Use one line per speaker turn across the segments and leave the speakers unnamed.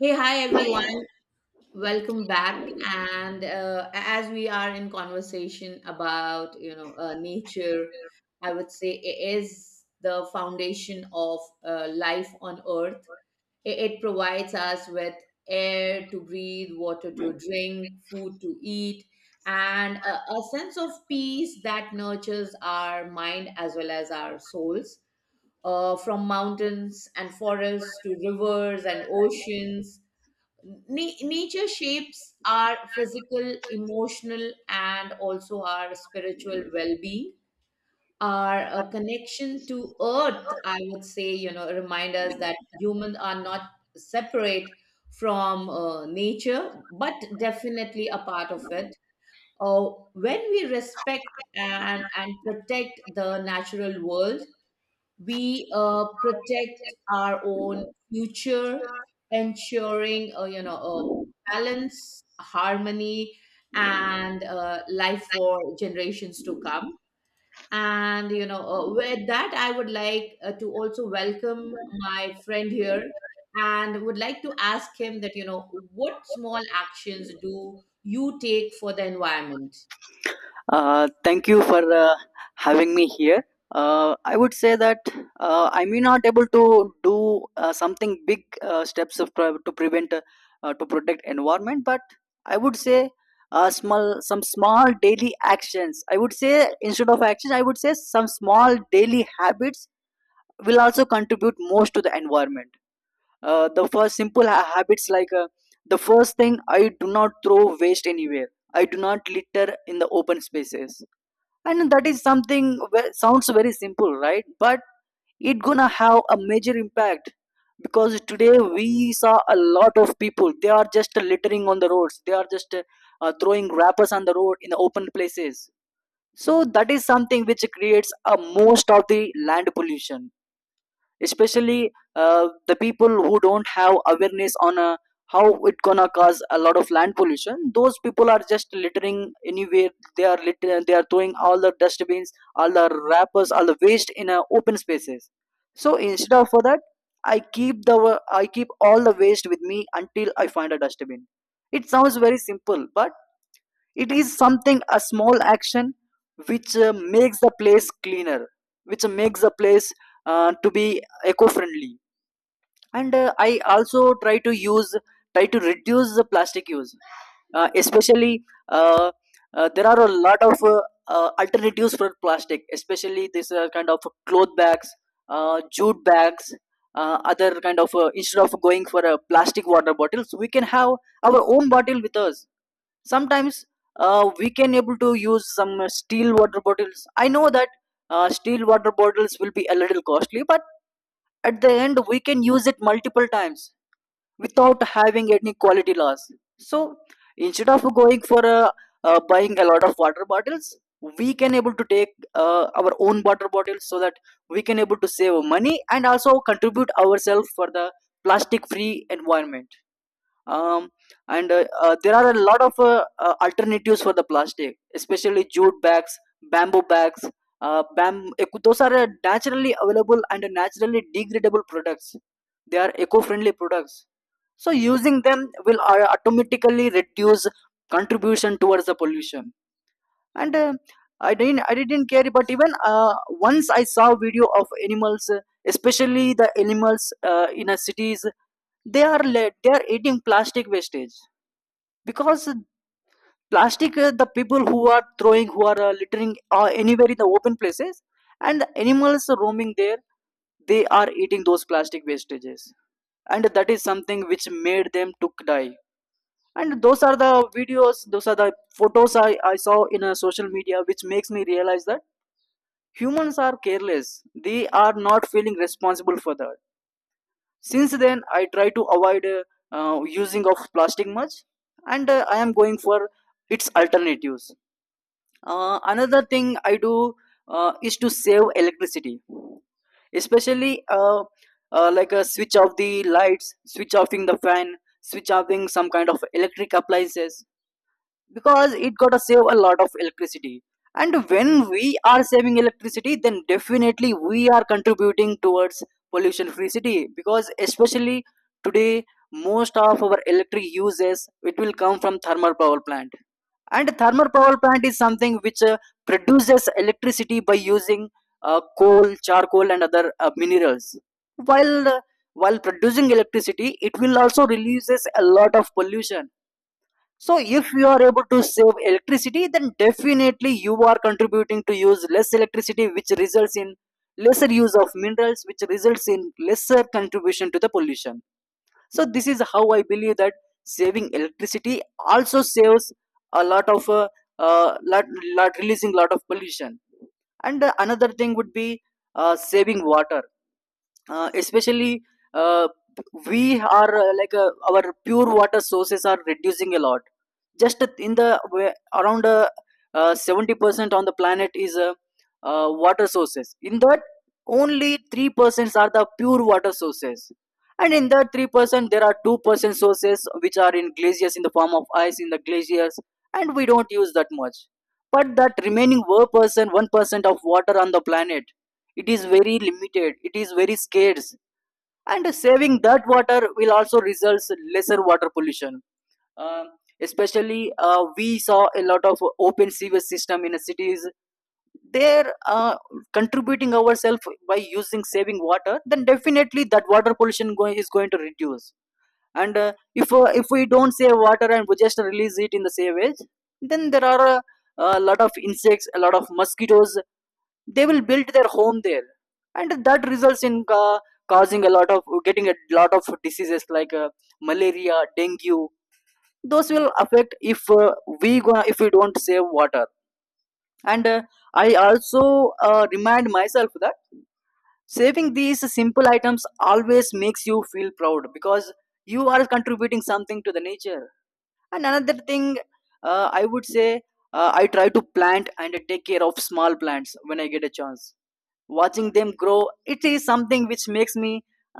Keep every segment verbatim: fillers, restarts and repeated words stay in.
Hey, hi everyone. Welcome back. And uh, as we are in conversation about, you know, uh, nature, I would say it is the foundation of uh, life on earth. It, it provides us with air to breathe, water to drink, food to eat, and a, a sense of peace that nurtures our mind as well as our souls. Uh, from mountains and forests to rivers and oceans, Na- nature shapes our physical, emotional, and also our spiritual well being. Our uh, connection to earth, I would say, you know, remind us that humans are not separate from uh, nature, but definitely a part of it. Uh, when we respect and, and protect the natural world, we uh, protect our own future, ensuring uh, you know a balance, harmony, and uh, life for generations to come. And you know, uh, with that, I would like uh, to also welcome my friend here, and would like to ask him that, you know, what small actions do you take for the environment?
Uh, thank you for uh, having me here. Uh, I would say that uh, I may not able to do uh, something big uh, steps of pre- to prevent uh, uh, to protect environment, but I would say uh, small some small daily actions. I would say instead of actions, I would say some small daily habits will also contribute most to the environment. Uh, the first simple ha- habits like uh, the first thing, I do not throw waste anywhere. I do not litter in the open spaces, and that is something ve- sounds very simple, right? But it gonna have a major impact, because today we saw a lot of people, they are just littering on the roads, they are just uh, uh, throwing wrappers on the road in the open places. So that is something which creates a most of the land pollution, especially uh, the people who don't have awareness on uh, how it gonna cause a lot of land pollution. Those people are just littering anywhere, they are litter- they are throwing all the dustbins, all the wrappers, all the waste in uh, open spaces. So instead of for that, i keep the I keep all the waste with me until I find a dustbin. It sounds very simple, but it is something, a small action which uh, makes the place cleaner, which makes the place uh, to be eco friendly. And uh, I also try to use, try to reduce the plastic use, uh, especially. Uh, uh, there are a lot of uh, uh, alternatives for plastic, especially this uh, kind of cloth bags, uh, jute bags, uh, other kind of uh, instead of going for uh, plastic water bottles, we can have our own bottle with us sometimes. Uh, we can able to use some uh, steel water bottles. I know that uh, steel water bottles will be a little costly, but at the end we can use it multiple times without having any quality loss. So instead of going for uh, uh, buying a lot of water bottles, we can able to take uh, our own water bottles, so that we can able to save money and also contribute ourselves for the plastic free environment. Um, and uh, uh, there are a lot of uh, uh, alternatives for the plastic, especially jute bags, bamboo bags. Uh, bam- eco- those are uh, naturally available and naturally degradable products. They are eco-friendly products, so using them will uh, automatically reduce contribution towards the pollution. And uh, i didn't I didn't care, but even uh, once I saw video of animals, uh, especially the animals uh, in a cities, they are led, they are eating plastic wastage. Because uh, plastic uh, the people who are throwing, who are uh, littering uh, anywhere in the open places, and animals roaming there, they are eating those plastic wastages. And that is something which made them to die. And those are the videos, those are the photos i, I saw in a social media, which makes me realize that humans are careless, they are not feeling responsible for that. Since then I try to avoid uh, uh, using of plastic much. And uh, I am going for its alternatives. Uh, another thing I do uh, is to save electricity, especially uh, uh, like a switch off the lights, switch offing the fan, switch offing some kind of electric appliances, because it gotta save a lot of electricity. And when we are saving electricity, then definitely we are contributing towards pollution free city, because especially today, most of our electric uses, it will come from thermal power plant. And thermal power plant is something which uh, produces electricity by using uh, coal, charcoal and other uh, minerals. while uh, while producing electricity, it will also releases a lot of pollution. So if you are able to save electricity, then definitely you are contributing to use less electricity, which results in lesser use of minerals, which results in lesser contribution to the pollution. So this is how I believe that saving electricity also saves a lot of uh, uh, lot, lot releasing lot of pollution. And uh, another thing would be uh, saving water, uh, especially uh, we are uh, like uh, our pure water sources are reducing a lot. Just in the wa- around uh, uh, seventy percent on the planet is uh, uh, water sources. In that, only three percent are the pure water sources. And in that three percent, there are two percent sources which are in glaciers, in the form of ice in the glaciers, and we don't use that much. But that remaining one percent one percent of water on the planet, it is very limited, it is very scarce. And saving that water will also result lesser water pollution. Um, especially uh, we saw a lot of open sewage system in the cities. They're uh, contributing ourselves by using saving water, then definitely that water pollution going is going to reduce. And uh, if uh, if we don't save water and we just release it in the sewage, then there are a, a lot of insects, a lot of mosquitoes, they will build their home there. And that results in ca- causing a lot of getting a lot of diseases like uh, malaria, dengue. Those will affect if uh, we gonna if we don't save water. And uh, I also uh, remind myself that saving these simple items always makes you feel proud, because you are contributing something to the nature. And another thing, uh, I would say, uh, I try to plant and take care of small plants when I get a chance. Watching them grow, it is something which makes me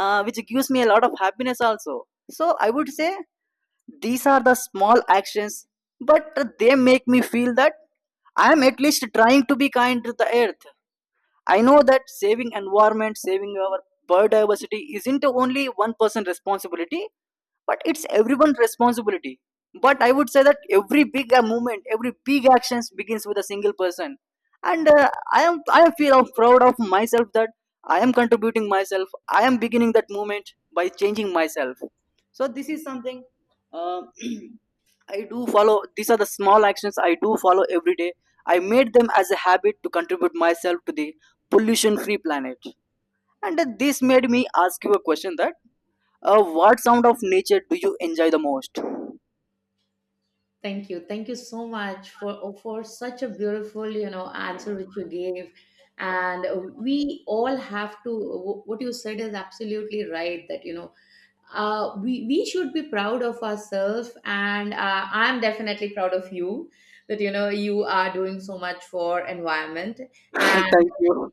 uh, which gives me a lot of happiness also. So I would say these are the small actions, but they make me feel that I am at least trying to be kind to the earth. I know that saving environment, saving our biodiversity isn't only one person responsibility, but it's everyone's responsibility. But I would say that every big uh, movement, every big actions begins with a single person. And uh, i am I feel proud of myself that I am contributing myself, I am beginning that movement by changing myself. So this is something uh, I do follow. These are the small actions I do follow every day. I made them as a habit to contribute myself to the pollution free planet. And uh, this made me ask you a question that uh, what sound of nature do you enjoy the most?
Thank you. Thank you so much for oh, for such a beautiful, you know, answer which you gave. And uh, We all have to wh- what you said is absolutely right that, you know, uh, we, we should be proud of ourselves. And uh, I'm definitely proud of you that, you know, you are doing so much for environment. And
Thank you.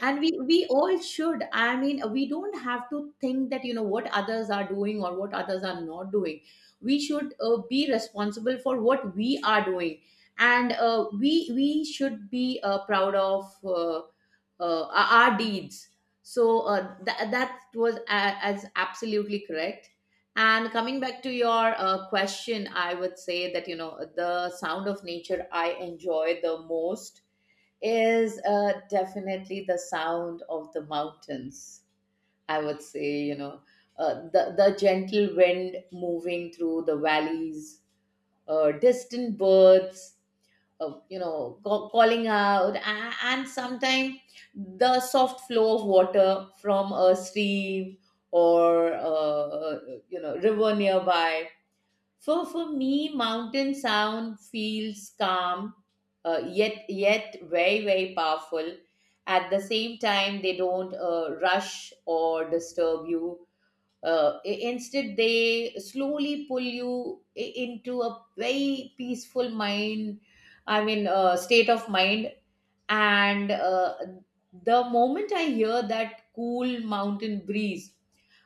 and we we all should, I mean, we don't have to think that, you know what others are doing or what others are not doing. We should uh, be responsible for what we are doing, and uh, we we should be uh, proud of uh, uh, our our deeds. So uh, tha- that was a- as absolutely correct. And coming back to your uh, question, I would say that, you know the sound of nature I enjoy the most is uh, definitely the sound of the mountains. I would say, you know, uh, the, the gentle wind moving through the valleys, uh, distant birds, uh, you know, ca- calling out, a- and sometimes the soft flow of water from a stream or, uh, uh, you know, river nearby. For for me, mountain sound feels calm, uh, yet yet very very powerful. At the same time, they don't uh, rush or disturb you. Uh, i- instead, they slowly pull you i- into a very peaceful mind. I mean, uh, state of mind. And uh, The moment I hear that cool mountain breeze,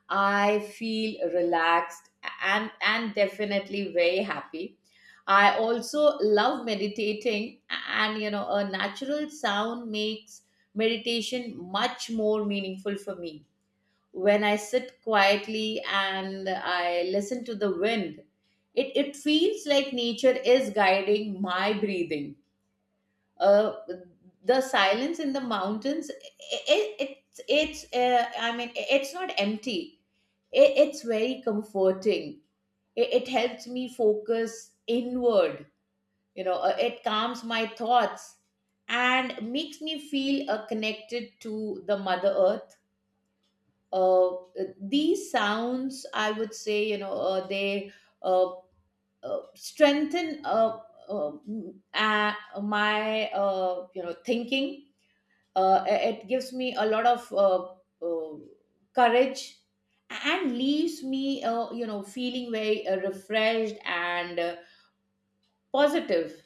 I feel relaxed and and definitely very happy. I also love meditating, and you know, a natural sound makes meditation much more meaningful for me. When I sit quietly and I listen to the wind, it, it feels like nature is guiding my breathing. Uh, the silence in the mountains, it, it, it's, it's uh, I mean, it's not empty, it, it's very comforting. It, it helps me focus inward, you know. Uh, it calms my thoughts and makes me feel uh, connected to the mother earth. uh, these sounds, I would say, you know, uh, they uh, uh, strengthen uh, uh, m- uh, my, uh, you know, thinking. uh, it gives me a lot of uh, uh, courage and leaves me, uh, you know, feeling very uh, refreshed and uh, positive.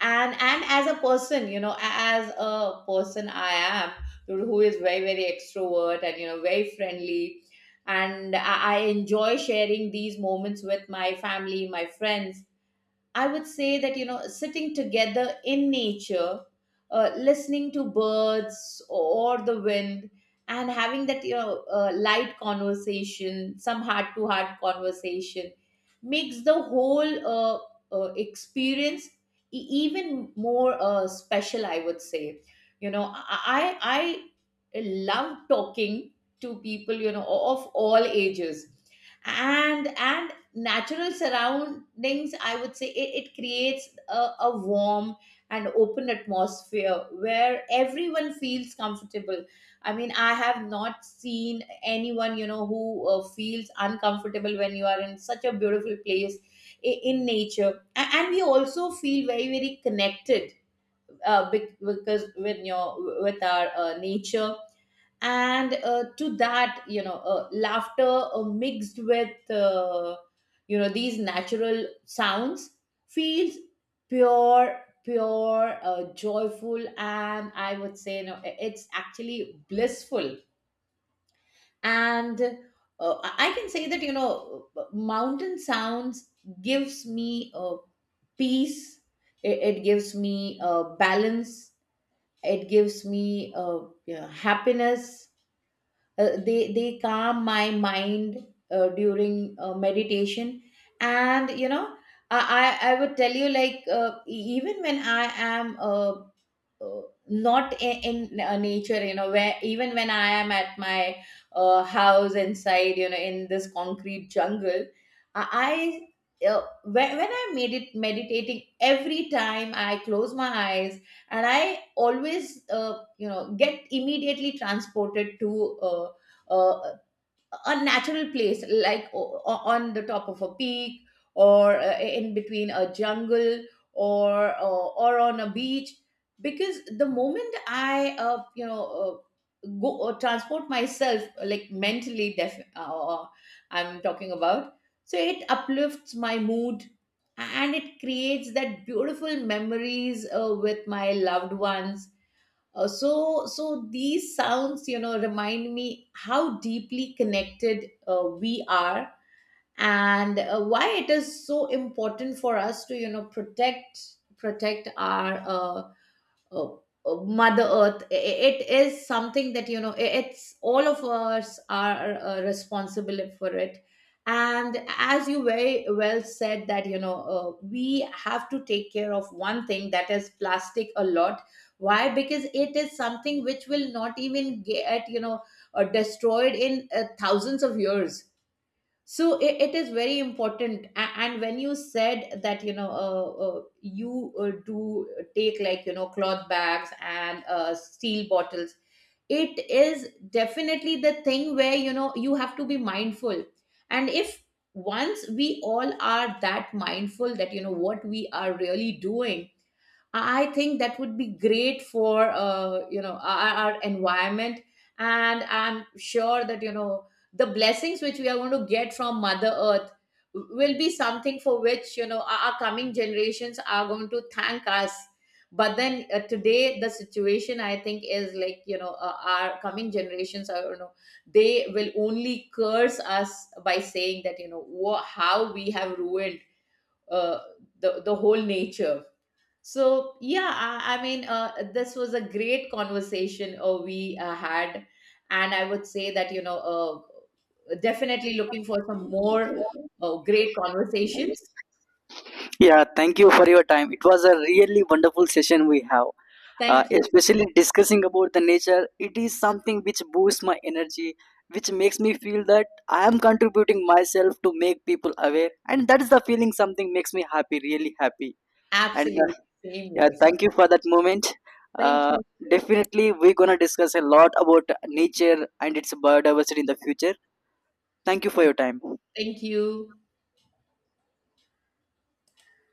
And and as a person, you know, As a person I am, who is very very extrovert and, you know, very friendly, and I, I enjoy sharing these moments with my family, my friends. I would say that, you know, sitting together in nature, uh, listening to birds or the wind, and having that, you know, uh, light conversation, some heart to heart conversation, makes the whole uh, uh, experience e- even more uh, special, I would say. You know, I, I I love talking to people, you know, of all ages, and and natural surroundings, I would say, it, it creates a, a warm and open atmosphere where everyone feels comfortable. I mean, I have not seen anyone, you know, who uh, feels uncomfortable when you are in such a beautiful place in, in nature. A- and we also feel very very connected uh, bec- because with your with our uh, nature. And uh, to that, you know, uh, laughter uh, mixed with, uh, you know, these natural sounds feels pure pure uh, joyful, and I would say, you know, i- it's actually blissful. And uh, I I can say that, you know, uh, mountain sounds gives me uh, peace. It, it gives me uh, balance. It gives me, uh, you know, happiness. Uh, they they calm my mind uh, during uh, meditation. And you know, I, I i would tell you, like, uh, e- even when I am uh, uh, not in, in uh, nature, you know, where even when I am at my uh, house inside, you know, in this concrete jungle, i I, uh, when, when I made it meditating, every time I close my eyes, and I always, uh, you know get immediately transported to uh, uh, a natural place, like o- o- on the top of a peak, or uh, in between a jungle, or or, or on a beach. Because the moment I, uh, you know uh, go or transport myself, like mentally, def- uh, I'm talking about, so it uplifts my mood, and it creates that beautiful memories uh, with my loved ones. Uh, so, so these sounds, you know, remind me how deeply connected uh, we are, and uh, why it is so important for us to, you know, protect protect our uh, uh, uh, mother earth. I- I- it is something that, you know, i- it's all of us are uh, responsible for it. And as you very well said that, you know, uh, we have to take care of one thing, that is plastic a lot. Why? Because it is something which will not even get, you know, uh, destroyed in uh, thousands of years. So it, it is very important. A- and when you said that, you know, uh, uh, you uh, do take, like, you know, cloth bags and uh, steel bottles, it is definitely the thing where, you know, you have to be mindful. And if once we all are that mindful that, you know, what we are really doing, I think that would be great for, uh, you know our, our environment. And I'm sure that, you know, the blessings which we are going to get from Mother Earth will be something for which, you know, our, our coming generations are going to thank us. But then uh, today, the situation, I think, is like, you know, uh, our coming generations are, you know, they will only curse us by saying that, you know, wha- how we have ruined uh, the the whole nature. So yeah, I, I mean, uh, this was a great conversation uh, we uh, had, and I would say that, you know, uh, definitely looking for some more uh, great conversations.
Yeah, thank you for your time. It was a really wonderful session we have. Uh,
Thank you.
especially discussing about the nature, it is something which boosts my energy, which makes me feel that I am contributing myself to make people aware, and that is the feeling. Something makes me happy, really happy. And uh,
Absolutely, same
yeah,
here.
thank you for that moment.
Thank
Uh,
you.
definitely, we're gonna discuss a lot about nature and its biodiversity in the future. Thank you for your time.
Thank you.